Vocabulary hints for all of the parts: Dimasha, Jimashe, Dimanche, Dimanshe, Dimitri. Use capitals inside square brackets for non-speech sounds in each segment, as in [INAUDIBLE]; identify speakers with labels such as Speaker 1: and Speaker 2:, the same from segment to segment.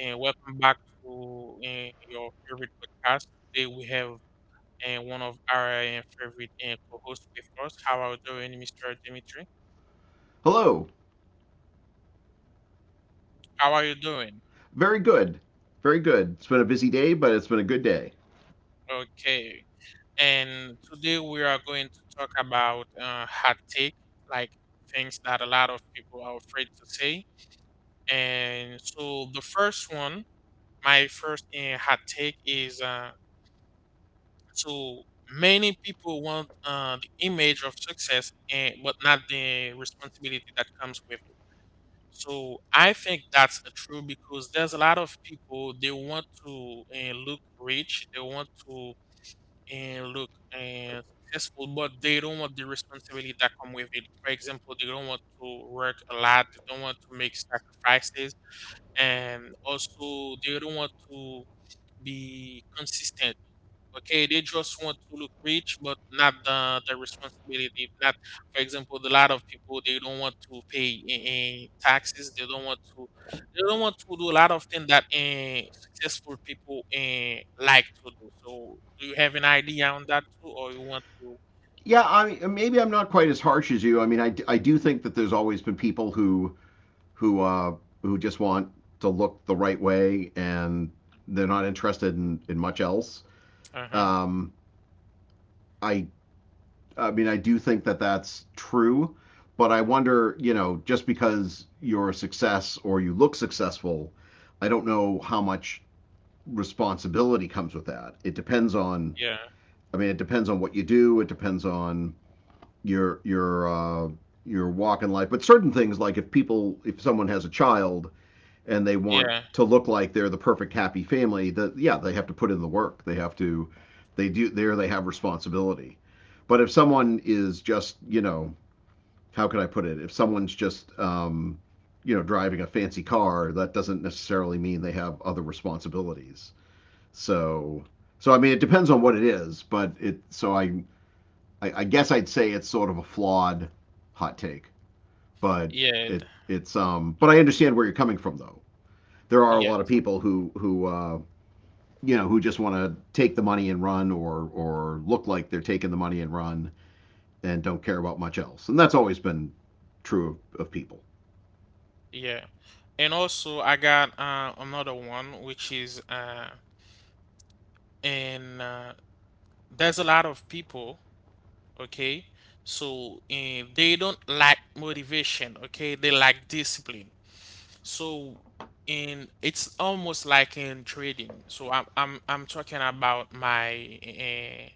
Speaker 1: and welcome back to your favorite podcast. Today we have one of our favorite co-hosts with us. How are you doing, Mr. Dimitri?
Speaker 2: Hello.
Speaker 1: How are you doing?
Speaker 2: Very good. Very good. It's been a busy day, but it's been a good day.
Speaker 1: Okay. And today we are going to talk about hot take, like things that a lot of people are afraid to say. And so the first one, my first hot take is. So many people want the image of success, and but not the responsibility that comes with it. So I think that's the true because there's a lot of people they want to look rich, they want to look successful, but they don't want the responsibility that come with it. For example, they don't want to work a lot, they don't want to make sacrifices, and also they don't want to be consistent. Okay, they just want to look rich, but not the responsibility. Not, for example, a lot of people they don't want to pay in taxes. They don't want to. They don't want to do a lot of things that successful people like to do. So, do you have an idea on that too, or you want to?
Speaker 2: Yeah, maybe I'm not quite as harsh as you. I mean, I do think that there's always been people who who just want to look the right way and they're not interested in much else.
Speaker 1: Uh huh.
Speaker 2: Um, I I do think that that's true, but I wonder, you know, just because you're a success or you look successful, I don't know how much responsibility comes with that. It depends
Speaker 1: Yeah.
Speaker 2: on— I mean, it depends on what you do. It depends on your your uh, your walk in life. But certain things, like if people, if someone has a child and they want
Speaker 1: Yeah.
Speaker 2: to look like they're the perfect happy family, that yeah, they have to put in the work. They have to, they do there. They have responsibility. But if someone is just, you know, how can I put it? If someone's just, you know, driving a fancy car, that doesn't necessarily mean they have other responsibilities. So, so I mean, it depends on what it is. But it, so I guess I'd say it's sort of a flawed hot take, but
Speaker 1: Yeah.
Speaker 2: it it's. But I understand where you're coming from, though. There are a
Speaker 1: Yeah.
Speaker 2: lot of people who you know who just want to take the money and run, or look like they're taking the money and run, and don't care about much else. And that's always been true of people.
Speaker 1: Yeah. And also, I got another one, which is and there's a lot of people. Okay, so they don't lack motivation, okay, they lack discipline. So in it's almost like in trading. So I'm talking about my uh,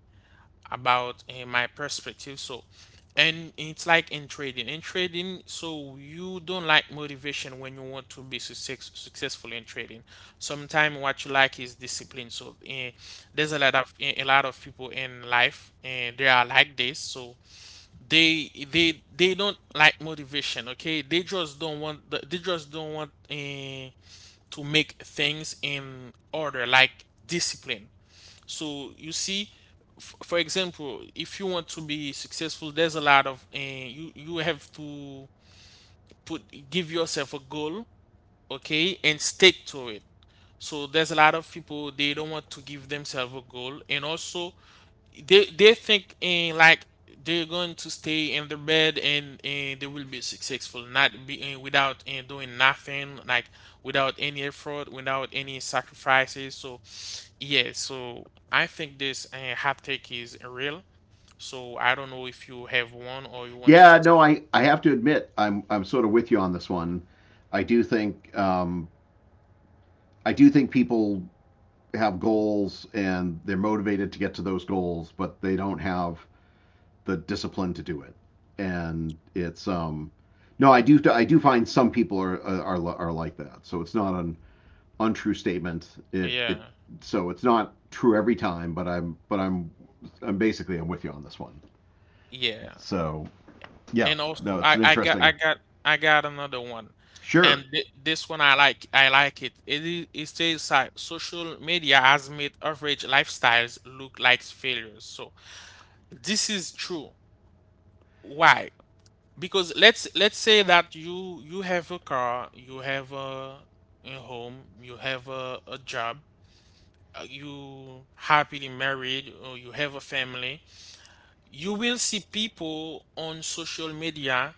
Speaker 1: about eh, my perspective. So and it's like in trading, so you don't like motivation when you want to be successful in trading. Sometimes what you like is discipline. So there's a lot of people in life and they are like this. So they they don't like motivation, okay, they just don't want they just don't want to make things in order, like discipline. So you see, for example, if you want to be successful, there's a lot of you you have to put give yourself a goal, okay, and stick to it. So there's a lot of people they don't want to give themselves a goal, and also they think in like they're going to stay in their bed and they will be successful, not being without and doing nothing, like without any effort, without any sacrifices. So yeah, so I think this hot take is real. So I don't know if you have one or you want to
Speaker 2: Yeah,
Speaker 1: say.
Speaker 2: no, I have to admit I'm sort of with you on this one. I do think um, I do think people have goals and they're motivated to get to those goals, but they don't have the discipline to do it, and it's no, I do find some people are are like that. So it's not an untrue statement.
Speaker 1: Yeah.
Speaker 2: It's not true every time, but I'm basically I'm with you on this one.
Speaker 1: Yeah.
Speaker 2: So yeah,
Speaker 1: And also,
Speaker 2: no, it's an interesting.
Speaker 1: I got another one, and
Speaker 2: Sure,
Speaker 1: this one I like, it. It is, it says that social media has made average lifestyles look like failures. So this is true. Why? Because let's say that you have a car, you have a home, you have a job, you happily married, or you have a family. You will see people on social media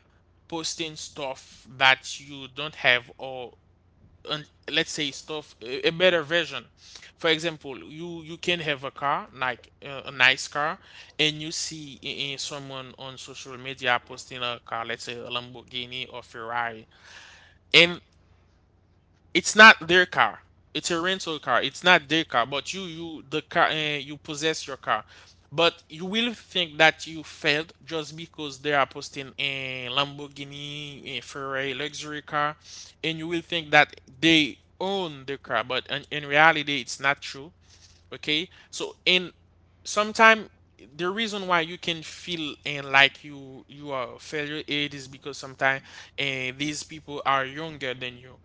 Speaker 1: posting stuff that you don't have, or and let's say stuff a better version. For example, you can have a car like a nice car, and you see someone on social media posting a car, let's say a Lamborghini or Ferrari, and it's not their car. It's a rental car. It's not their car, but you the car you possess your car. But you will think that you failed just because they are posting a Lamborghini, a Ferrari luxury car, and you will think that they own the car, but in reality, it's not true. Okay, so and sometime the reason why you can feel and like you are a failure, it is because sometimes and these people are younger than you.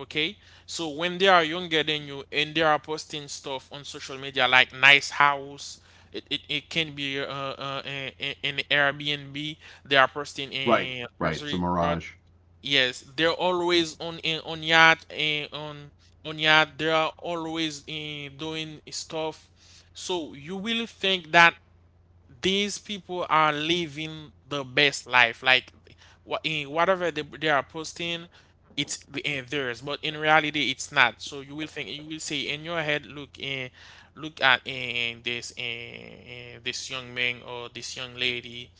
Speaker 1: Okay, so when they are younger than you and they are posting stuff on social media like nice house, it can be an Airbnb, they are posting
Speaker 2: right,
Speaker 1: a
Speaker 2: right. It's a
Speaker 1: luxury car.
Speaker 2: mirage.
Speaker 1: Yes, they're always on in on yacht and on yacht. They are always in doing stuff. So you will think that these people are living the best life, like what in whatever they are posting, it's theirs. But in reality, it's not. So you will think, you will say in your head, look, look at this this young man or this young lady.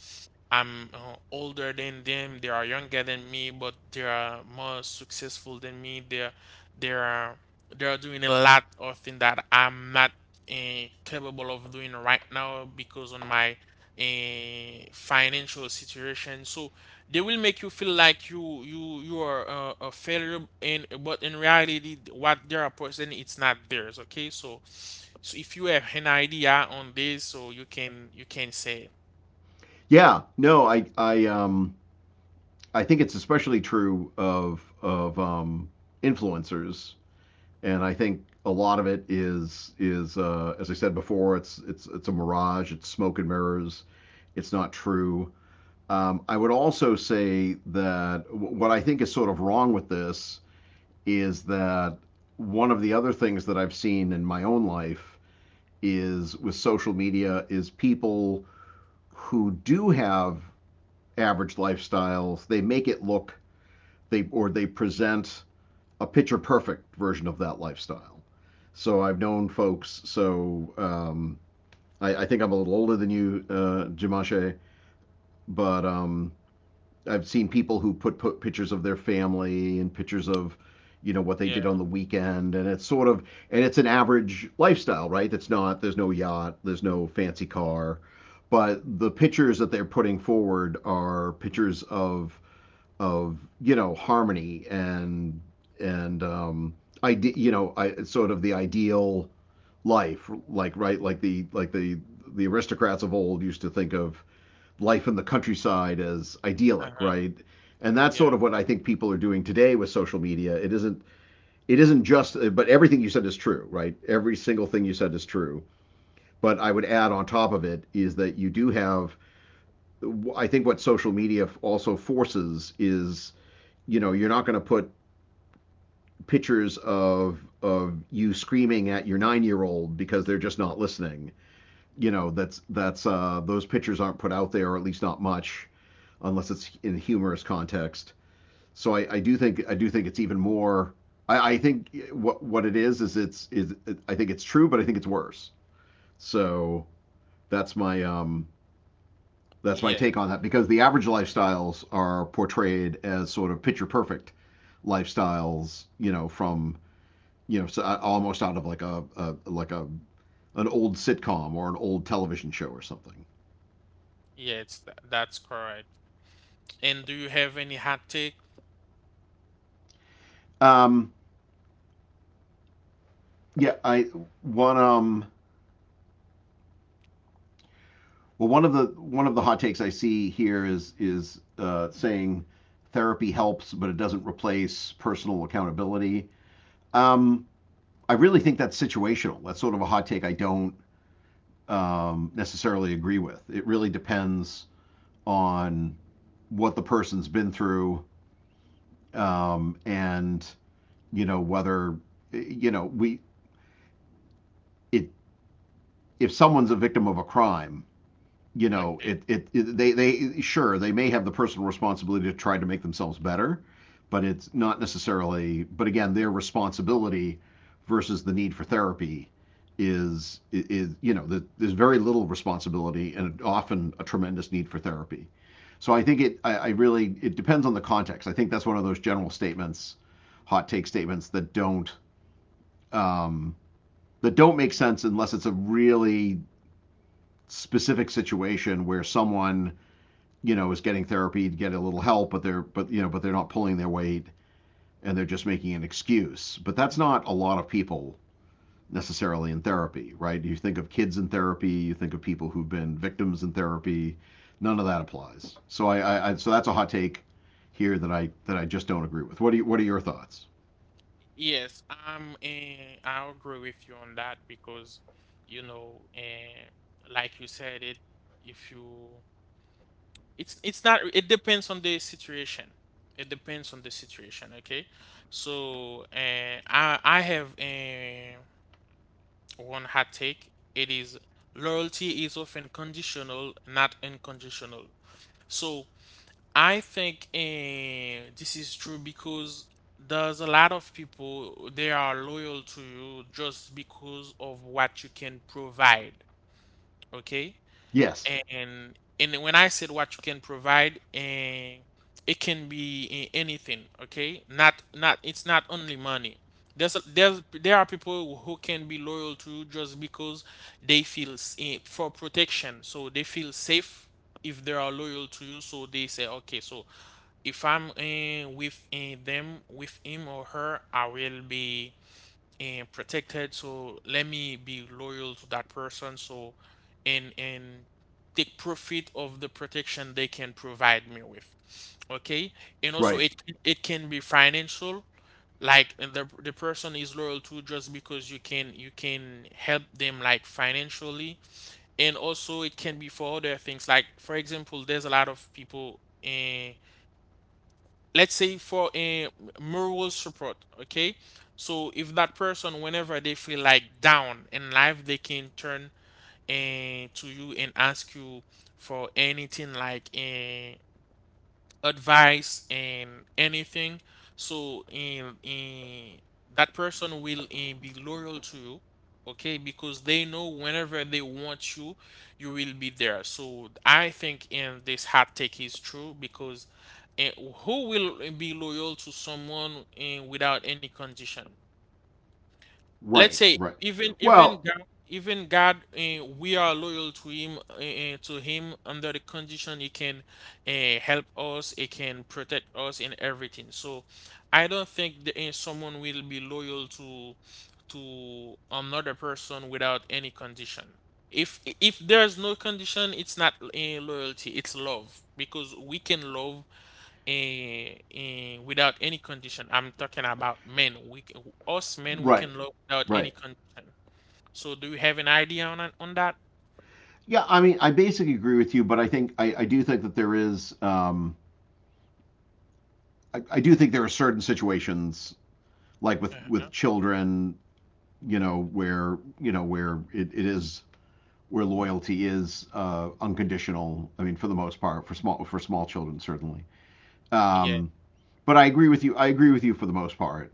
Speaker 1: I'm older than them, they are younger than me, but they are more successful than me. They're they are they are doing a lot of things that I'm not capable of doing right now because on my financial situation. So they will make you feel like you are a failure, and but in reality, what they are posting, it's not theirs. Okay, so, so if you have an idea on this, so you can say.
Speaker 2: Yeah, no, I think it's especially true of influencers and I think a lot of it is, as I said before, it's a mirage, it's smoke and mirrors, it's not true. I would also say that what I think is sort of wrong with this is that one of the other things that I've seen in my own life is with social media is people who do have average lifestyles, they make it look— they or they present a picture perfect version of that lifestyle. So I've known folks. So I think I'm a little older than you, Jimashe, but I've seen people who put pictures of their family and pictures of you know what they
Speaker 1: Yeah.
Speaker 2: did on the weekend, and it's sort of— and it's an average lifestyle, right? That's— not there's no yacht, there's no fancy car, but the pictures that they're putting forward are pictures of you know harmony and and um you know sort of the ideal life, like, right, like the— the aristocrats of old used to think of life in the countryside as idyllic,
Speaker 1: Uh-huh.
Speaker 2: right? And that's
Speaker 1: Yeah,
Speaker 2: sort of what I think people are doing today with social media. It isn't— it isn't just— but everything you said is true, right? Every single thing you said is true, but I would add on top of it is that you do have— I think what social media also forces is, you know, you're not going to put pictures of you screaming at your 9 year old because they're just not listening. You know, that's those pictures aren't put out there, or at least not much, unless it's in a humorous context. So I do think it's even more. I think what it is it's is it, I think it's true, but I think it's worse. So that's my um that's my take
Speaker 1: yes,
Speaker 2: on that, because the average lifestyles are portrayed as sort of picture perfect lifestyles, you know, from— you know, so almost out of like a, like a— an old sitcom or an old television show or something.
Speaker 1: yes, that's correct. And do you have any hot take?
Speaker 2: Um, yeah, I one well, one of the— one of the hot takes I see here is saying therapy helps, but it doesn't replace personal accountability. Um, I really think that's situational. That's sort of a hot take I don't necessarily agree with. It really depends on what the person's been through, and you know whether— you know we— it— if someone's a victim of a crime, you know
Speaker 1: Okay,
Speaker 2: it they— they sure they may have the personal responsibility to try to make themselves better, but it's not necessarily— but again their responsibility versus the need for therapy is— is, you know, there's very little responsibility and often a tremendous need for therapy. So I think it— I really— it depends on the context. I think that's one of those general statements, hot take statements um, that don't make sense unless it's a really specific situation where someone, you know, is getting therapy to get a little help, but they're— but you know but they're not pulling their weight and they're just making an excuse. But that's not a lot of people necessarily in therapy, right? You think of kids in therapy, you think of people who've been victims in therapy. None of that applies. So so that's a hot take here that I just don't agree with. What are your thoughts?
Speaker 1: yes, I'm I agree with you on that because you know, like you said it, if you it's not it depends on the situation. It depends on the situation, okay? So, I have one hot take. It is loyalty is often conditional, not unconditional. So I think this is true because there's a lot of people they are loyal to you just because of what you can provide, okay?
Speaker 2: Yes,
Speaker 1: And when I said what you can provide, it can be anything, okay? Not it's not only money. There's there are people who can be loyal to you just because they feel for protection, so they feel safe if they are loyal to you. So they say, okay, so if I'm with them, with him or her, I will be protected. So let me be loyal to that person. So and take profit of the protection they can provide me with. Okay, and also
Speaker 2: right,
Speaker 1: it can be financial. Like and the person is loyal to just because you can help them like financially, and also it can be for other things. Like for example, there's a lot of people. Uh, let's say for a moral support, okay, so if that person whenever they feel like down in life they can turn to you and ask you for anything, like advice and anything. So that person will be loyal to you, okay, because they know whenever they want you, you will be there. So I think in this hot take is true because uh, who will be loyal to someone without any condition. Let's
Speaker 2: right,
Speaker 1: say
Speaker 2: right, well,
Speaker 1: Even God, we are loyal to him under the condition he can help us, he can protect us in everything. So I don't think someone will be loyal to another person without any condition. If there's no condition, it's not loyalty, it's love, because we can love without any condition. I'm talking about men. We can, us men, we
Speaker 2: right,
Speaker 1: can love without any
Speaker 2: right.
Speaker 1: condition. So do you have an idea on that?
Speaker 2: Yeah, I mean, I basically agree with you, but I think I do think that there is, I do think there are certain situations, like with
Speaker 1: Uh-huh.
Speaker 2: children, you know, where— you know where it is— where loyalty is unconditional. I mean, for the most part, for small children, certainly.
Speaker 1: Yeah.
Speaker 2: Um, but I agree with you. I agree with you for the most part.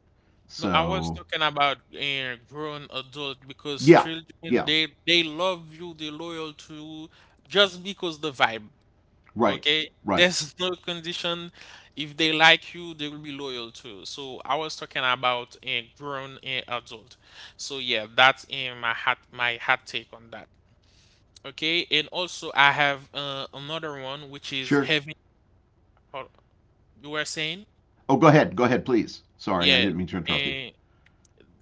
Speaker 1: No, I was
Speaker 2: So
Speaker 1: talking about grown adult, because
Speaker 2: yeah,
Speaker 1: children
Speaker 2: yeah,
Speaker 1: they love you, they loyal to you just because the vibe.
Speaker 2: right,
Speaker 1: Okay,
Speaker 2: right,
Speaker 1: there's [LAUGHS] no condition. If they like you, they will be loyal to you. So I was talking about a grown adult. So yeah, that's in my hat my hot take on that. Okay, and also I have another one, which is
Speaker 2: sure.
Speaker 1: having. hold- You were saying,
Speaker 2: Oh, go ahead, please. Sorry, I
Speaker 1: yeah,
Speaker 2: didn't mean to interrupt you.
Speaker 1: and,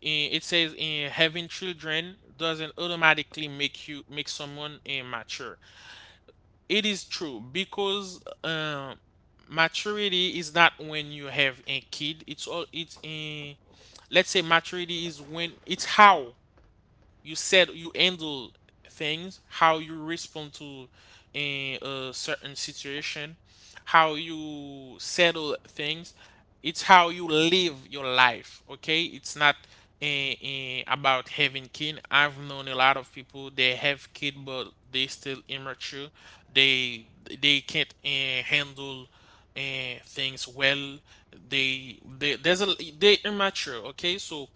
Speaker 1: it says in having children doesn't automatically make you make someone mature. It is true because maturity is not when you have a kid. It's in. Let's say maturity is when it's how you handle things, how you respond to in a certain situation, how you settle things, it's how you live your life, okay, it's not about having kids. I've known a lot of people. They have kids, but they still immature. They they can't handle things well. They there's a they immature. Okay, so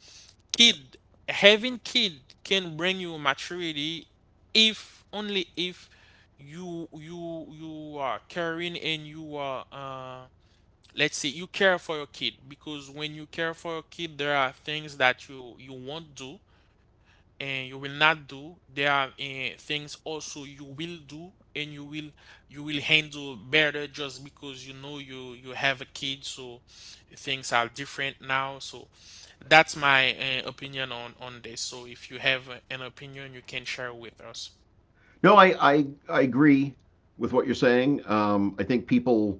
Speaker 1: kid having kid can bring you maturity, if only if you are caring and you are let's say you care for your kid, because when you care for your kid, there are things that you won't do and you will not do. There are things also you will do, and you will handle better just because, you know, you have a kid. So things are different now. So that's my opinion on this. So if you have an opinion, you can share with us.
Speaker 2: No, I agree with what you're saying. I think people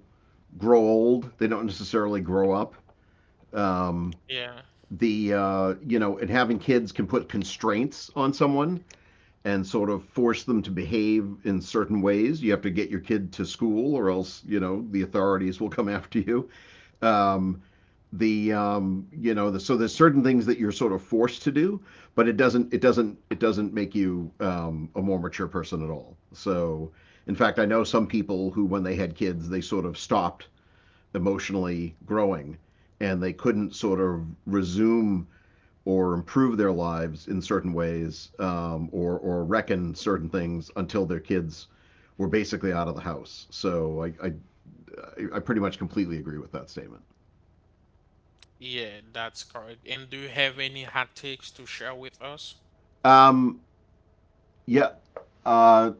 Speaker 2: grow old; they don't necessarily grow up. Um,
Speaker 1: Yeah,
Speaker 2: the you know, and having kids can put constraints on someone and sort of force them to behave in certain ways. You have to get your kid to school, or else you know the authorities will come after you. Um, the you know so there's certain things that you're sort of forced to do, but it doesn't make you a more mature person at all. So in fact, I know some people who when they had kids, they sort of stopped emotionally growing, and they couldn't sort of resume or improve their lives in certain ways, or reckon certain things until their kids were basically out of the house. So I pretty much completely agree with that statement.
Speaker 1: yeah, that's correct. And do you have any hot takes to share with us?
Speaker 2: Um, Yeah, uh,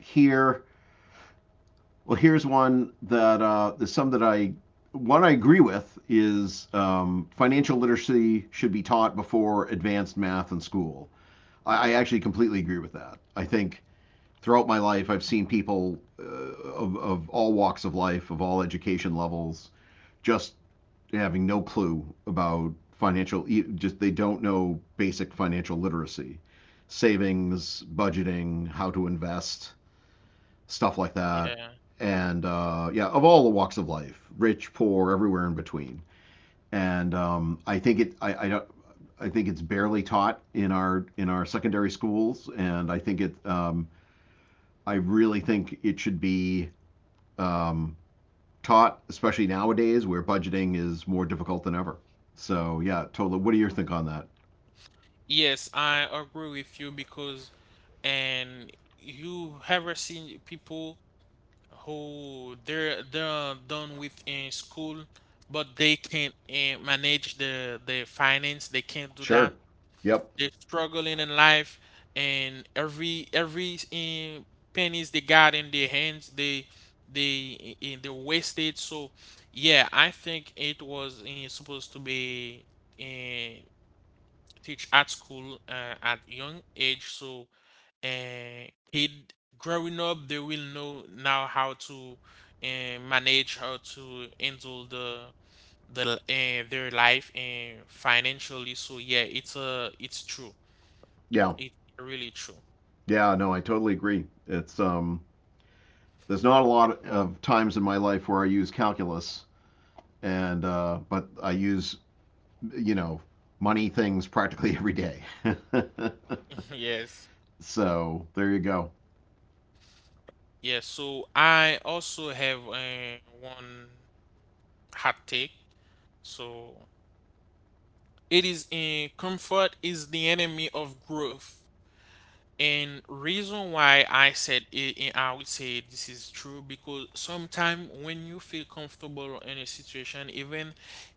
Speaker 2: here, well, here's one that— there's some that I one I agree with is, financial literacy should be taught before advanced math in school. I actually completely agree with that. I think throughout my life, I've seen people, of all walks of life, of all education levels, just having no clue about just they don't know basic financial literacy, savings, budgeting, how to invest, stuff like that.
Speaker 1: Yeah,
Speaker 2: And yeah, of all the walks of life, rich, poor, everywhere in between. And I think it, I don't— I think it's barely taught in our secondary schools, and I think it. I really think it should be um, taught, especially nowadays where budgeting is more difficult than ever. So yeah, totally. What do you think on that?
Speaker 1: yes, I agree with you because and you ever seen people who they're done with in school, but they can't manage the finance. They can't do that.
Speaker 2: Sure. Yep.
Speaker 1: They're struggling in life, and every pennies they got in their hands, they they wasted. So yeah, I think it was supposed to be uh, teach at school at young age. So kid growing up, they will know now how to manage, how to handle the their life and financially. So yeah, it's true.
Speaker 2: Yeah.
Speaker 1: It's really true.
Speaker 2: Yeah. No, I totally agree. It's there's not a lot of times in my life where I use calculus, and but I use, you know, money things practically every day. [LAUGHS]
Speaker 1: [LAUGHS] Yes.
Speaker 2: So there you go.
Speaker 1: Yes, so I also have one hot take. So it is in comfort is the enemy of growth. And reason why I said I would say this is true, because sometimes when you feel comfortable in a situation, even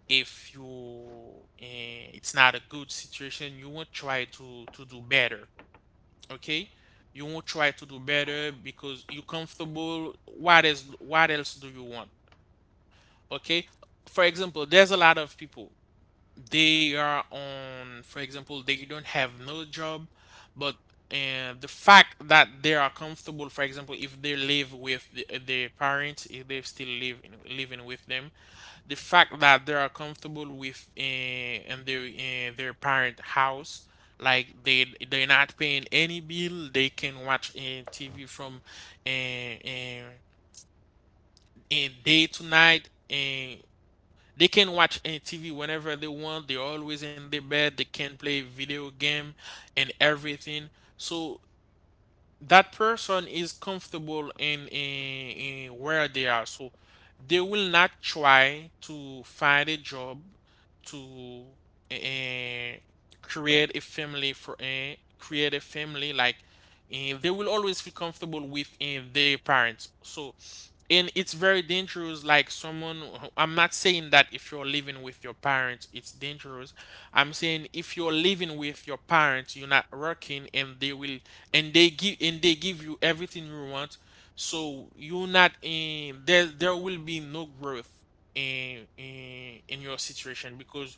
Speaker 1: if you it's not a good situation, you won't try to do better. Okay, you won't try to do better because you're comfortable. What is what else do you want? Okay, for example, there's a lot of people for example, they don't have no job, but the fact that they are comfortable, for example, if they live with their parents, if they still living with them, the fact that they are comfortable with in their parent house, like they're not paying any bill, they can watch TV from uh, uh, day to night. They can watch any TV whenever they want. They're always in their bed. They can play video game and everything. So that person is comfortable in where they are. So they will not try to find a job to eh, create a family for create a family, like they will always feel comfortable with their parents. So and it's very dangerous, like I'm not saying that if you're living with your parents it's dangerous. I'm saying if you're living with your parents, you're not working, and they give you everything you want. So you're not in there there will be no growth in your situation, because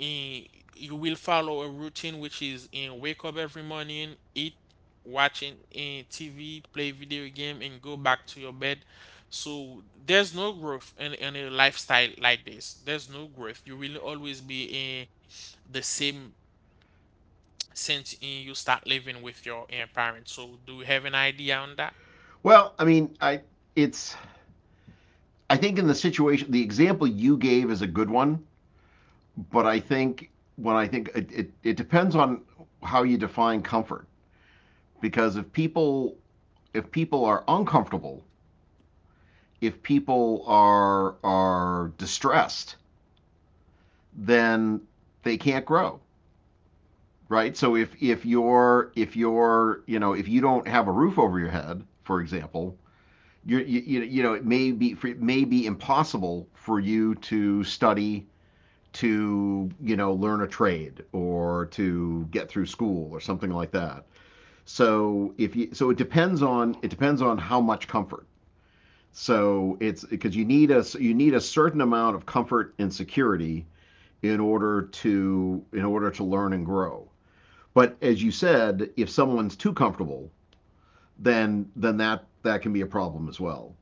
Speaker 1: eh, you will follow a routine, which is in wake up every morning, eat, watching TV, play video game, and go back to your bed. So there's no growth in a lifestyle like this. There's no growth. You will always be in the same sense in you start living with your parents. So do you have an idea on that?
Speaker 2: Well, I mean, I it's— I think in the situation the example you gave is a good one, but I
Speaker 1: Hmm.
Speaker 2: think— when I think it, it depends on how you define comfort. Because if people— if people are uncomfortable, if people are distressed, then they can't grow, right? So if you're if you're if you don't have a roof over your head, for example, you know it may be impossible for you to study to learn a trade or to get through school or something like that. So if you so it depends on how much comfort. So it's because you need a certain amount of comfort and security in order to learn and grow. But as you said, if someone's too comfortable, then that can be a problem as well.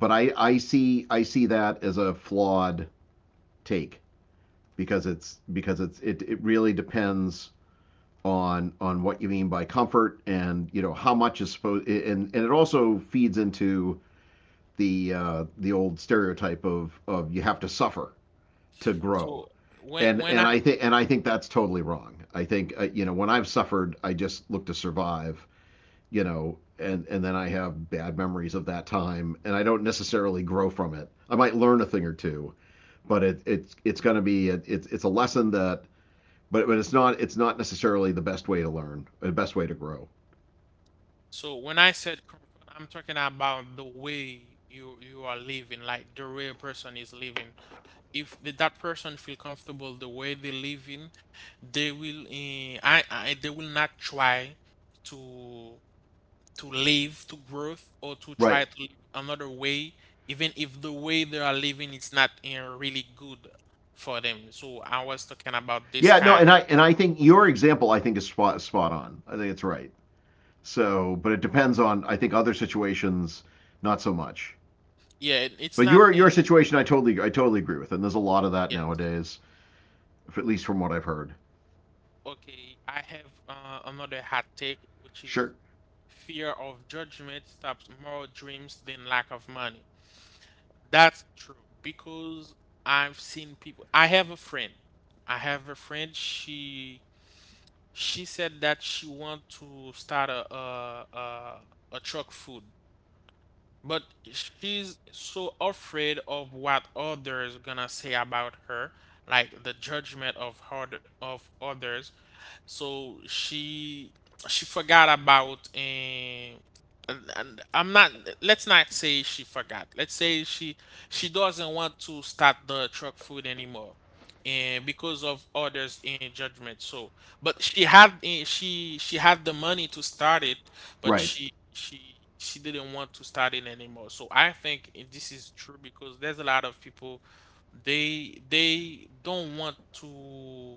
Speaker 2: But I see that as a flawed take because it really depends on what you mean by comfort and you know how much is supposed and it also feeds into the old stereotype of you have to suffer to grow
Speaker 1: So when
Speaker 2: and
Speaker 1: when I
Speaker 2: and I think and I think that's totally wrong. I think you know when I've suffered, I just look to survive, you know, and then I have bad memories of that time, and I don't necessarily grow from it. I might learn a thing or two, but it's going to be it's a lesson that, but it's not necessarily the best way to learn, the best way to grow.
Speaker 1: so when I said comfort, I'm talking about the way you are living, like the way a person is living. If that person feel comfortable the way they living, they will eh, I they will not try to. To live, to growth, or to try
Speaker 2: Right.
Speaker 1: to live another way, even if the way they are living is not really good for them. So I was talking about this
Speaker 2: Yeah. No.
Speaker 1: kind
Speaker 2: And
Speaker 1: of
Speaker 2: I and I think your example I think is spot on. I think it's right. So, but it depends on I think other situations not so much.
Speaker 1: yeah, it's
Speaker 2: But
Speaker 1: not
Speaker 2: your your situation I totally agree with, and there's a lot of that
Speaker 1: yes.
Speaker 2: nowadays, if, at least from what I've heard.
Speaker 1: Okay, I have another hot take, which is
Speaker 2: Sure.
Speaker 1: fear of judgment stops more dreams than lack of money. That's true because I've seen people. I have a friend. She said that she want to start a truck food, but she's so afraid of what others gonna say about her, like the judgment of hard of others. So she forgot about and, and, I'm not, let's not say she forgot. Let's say she doesn't want to start the truck food anymore. And because of others in judgment. So but she had she had the money to start it, but
Speaker 2: Right.
Speaker 1: she didn't want to start it anymore. So I think this is true, because there's a lot of people they don't want to,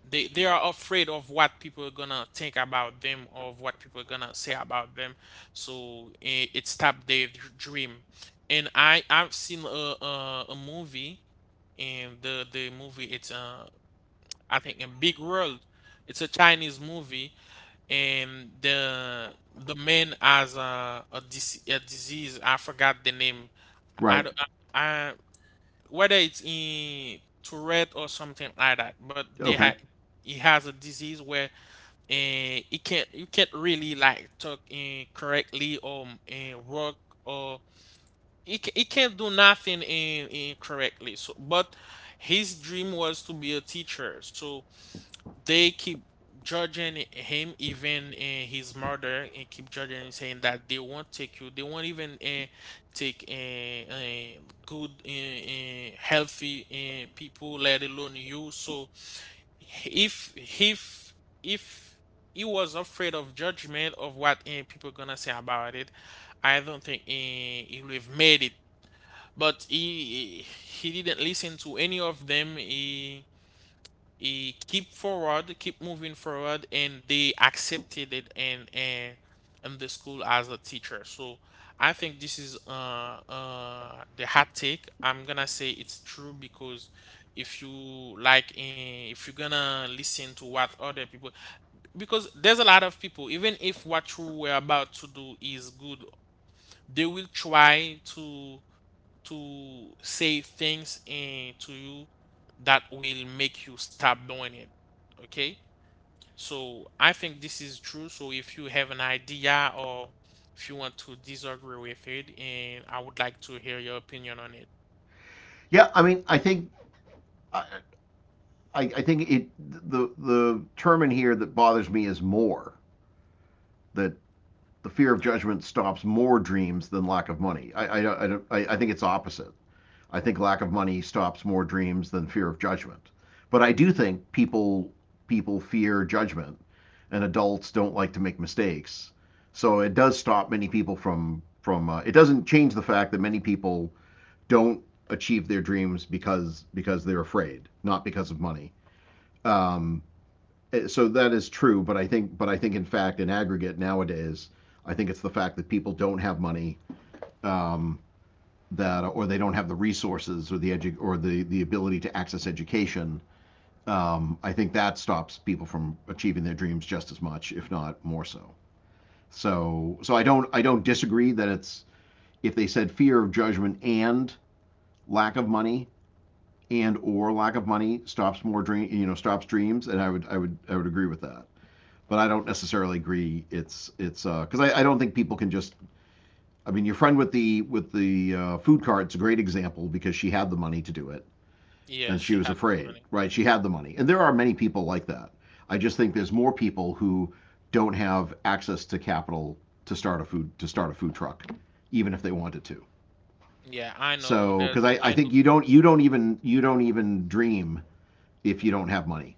Speaker 1: they are afraid of what people are gonna think about them, of what people are gonna say about them. So it stopped their dream. And I've seen a movie, and the movie, it's I think A Big World. It's a Chinese movie. And the man has a disease. I forgot the name. I
Speaker 2: Right.
Speaker 1: don't- I whether it's in Tourette or something like that, but they had
Speaker 2: Okay.
Speaker 1: he has a disease where and it can't you can't really like talk in correctly or and work or it can't do nothing in correctly. So but his dream was to be a teacher. So they keep judging him, even his mother, and keep judging and saying that they won't take you, they won't even take good healthy people, let alone you. So if if if he was afraid of judgment of what people gonna say about it, I don't think he would have made it. But he didn't listen to any of them. He keep forward, keep moving forward, and they accepted it in the school as a teacher. So I think this is the hot take. I'm gonna say it's true because if you like if you're gonna listen to what other people, because there's a lot of people, even if what you were about to do is good, they will try to say things in to you that will make you stop doing it. Okay? So I think this is true. So if you have an idea or if you want to disagree with it, and I would like to hear your opinion on it.
Speaker 2: Yeah, I mean, I, I think it the term in here that bothers me is more that the fear of
Speaker 1: Uh,
Speaker 2: judgment stops more dreams than lack of money. I think it's opposite. I think lack of money stops more dreams than fear of judgment. But I do think people fear judgment, and adults don't like to make mistakes. So it does stop many people from. It doesn't change the fact that many people don't achieve their dreams because they're afraid, not because of money. Um, so that is true, but I think in fact in aggregate nowadays, I think it's the fact that people don't have money um, that or they don't have the resources or the ability to access education. I think that stops people from achieving their dreams just as much, if not more so. So I don't disagree that it's if they said fear of judgment and lack of money and or lack of money stops more dream stops dreams and I would agree with that, but I don't necessarily agree it's because I don't think people can just. I mean your friend with the food cart's a great example because she had the money to do it,
Speaker 1: yeah,
Speaker 2: and she
Speaker 1: she
Speaker 2: was
Speaker 1: had the
Speaker 2: afraid,
Speaker 1: money.
Speaker 2: right? She had the money, and there are many people like that. I just think there's more people who don't have access to capital to start a food truck even if they wanted to.
Speaker 1: Yeah, I know
Speaker 2: So
Speaker 1: that.
Speaker 2: because I
Speaker 1: I know.
Speaker 2: think you don't even dream if you don't have money.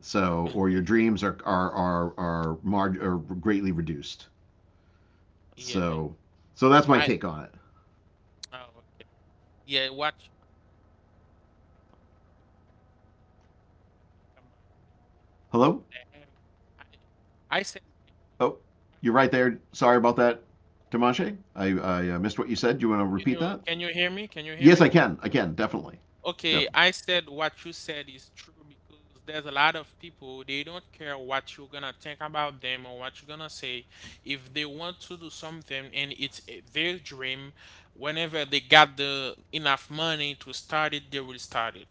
Speaker 2: So, or your
Speaker 1: [LAUGHS]
Speaker 2: dreams are greatly reduced.
Speaker 1: Yeah,
Speaker 2: So, so that's my
Speaker 1: I.
Speaker 2: take on it.
Speaker 1: Oh, okay. Yeah, watch about them.
Speaker 2: Hello?
Speaker 1: If they have, I, I said.
Speaker 2: Oh, you're right there. Sorry about that, Dimanshe. I missed what you said. Do you want to repeat that?
Speaker 1: Can you hear me? Can you hear
Speaker 2: Yes, I
Speaker 1: me?
Speaker 2: can. I can definitely. Def-
Speaker 1: Okay, I said what you said is true, because there's a lot of people, they don't care what you're gonna think about them or what you're gonna say. If they want to do something and it's their dream, whenever they got the enough money to start it, they will start it.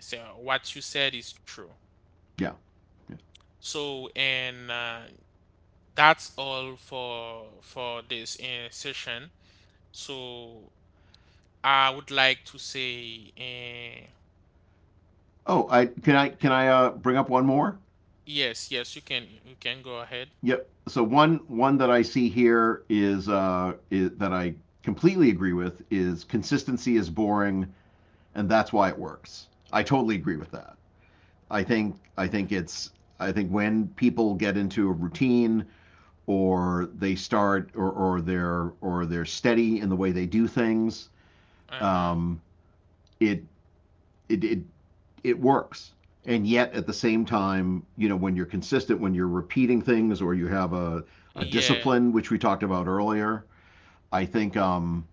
Speaker 1: So what you said is true.
Speaker 2: yeah. Yeah.
Speaker 1: So and that's all for this session. So I would like to say.
Speaker 2: Oh, I can I bring up one more?
Speaker 1: Yes, yes, you can go ahead.
Speaker 2: Yep. So one that I see here is that I completely agree with is consistency is boring, and that's why it works. I totally agree with that. I think it's. I think when people get into a routine or they start or they're steady in the way they do things,
Speaker 1: Uh-huh.
Speaker 2: um, it, it it it works. And yet at the same time, you know, when you're consistent, when you're repeating things or you have a
Speaker 1: Yeah.
Speaker 2: discipline, which we talked about earlier, I think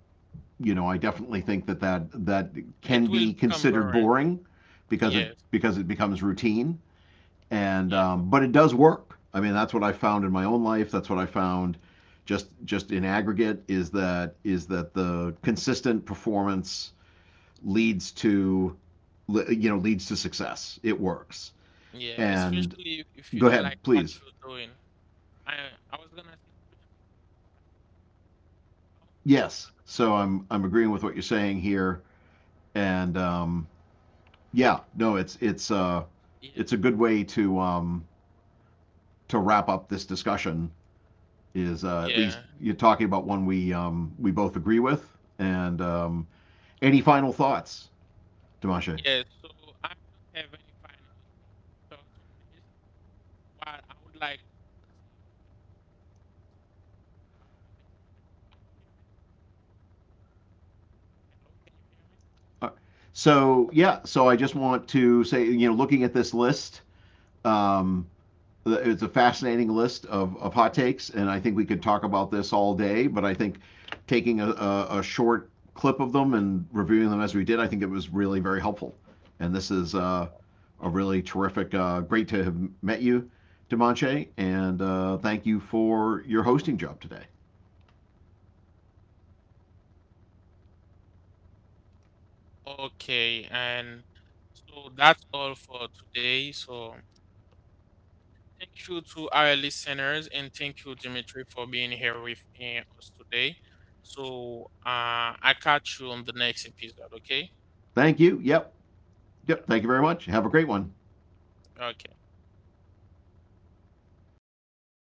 Speaker 2: you know, I definitely think that, that can
Speaker 1: It will
Speaker 2: be
Speaker 1: become
Speaker 2: considered
Speaker 1: boring.
Speaker 2: boring because
Speaker 1: Yes,
Speaker 2: it becomes routine, and
Speaker 1: yeah,
Speaker 2: but it does work. I mean, that's what I found in my own life. That's what I found just in aggregate, is that the consistent performance leads to leads to success. It works.
Speaker 1: yeah.
Speaker 2: And
Speaker 1: Especially if you
Speaker 2: go
Speaker 1: don't
Speaker 2: ahead,
Speaker 1: like what
Speaker 2: please.
Speaker 1: you're doing. I I was gonna say especially I was,
Speaker 2: Yes.
Speaker 1: uh,
Speaker 2: So I'm agreeing with what you're saying here, and yeah, no,
Speaker 1: yeah,
Speaker 2: it's a good way to wrap up this discussion is at
Speaker 1: yeah,
Speaker 2: least you're talking about one we both agree with. And any final thoughts, Dimasha?
Speaker 1: yeah. So I don't have any final thoughts on this. What I would like to say are hello, can you hear me?
Speaker 2: Uh, So yeah, so I just want to say, you know, looking at this list, um, it's a fascinating list of hot takes, and I think we could talk about this all day. But I think taking a short clip of them and reviewing them as we did, I think it was really very helpful. And this is
Speaker 1: Oh,
Speaker 2: a really terrific, great to have met you, Dimanche, and thank you for your hosting job today.
Speaker 1: okay, and so that's all for today. So thank you to our listeners, and thank you, Dimitri, for being here with us today. So I catch you on the next episode, okay?
Speaker 2: Thank you. Yep. Yep. Thank you very much. Have a great one.
Speaker 1: Yeah. Okay.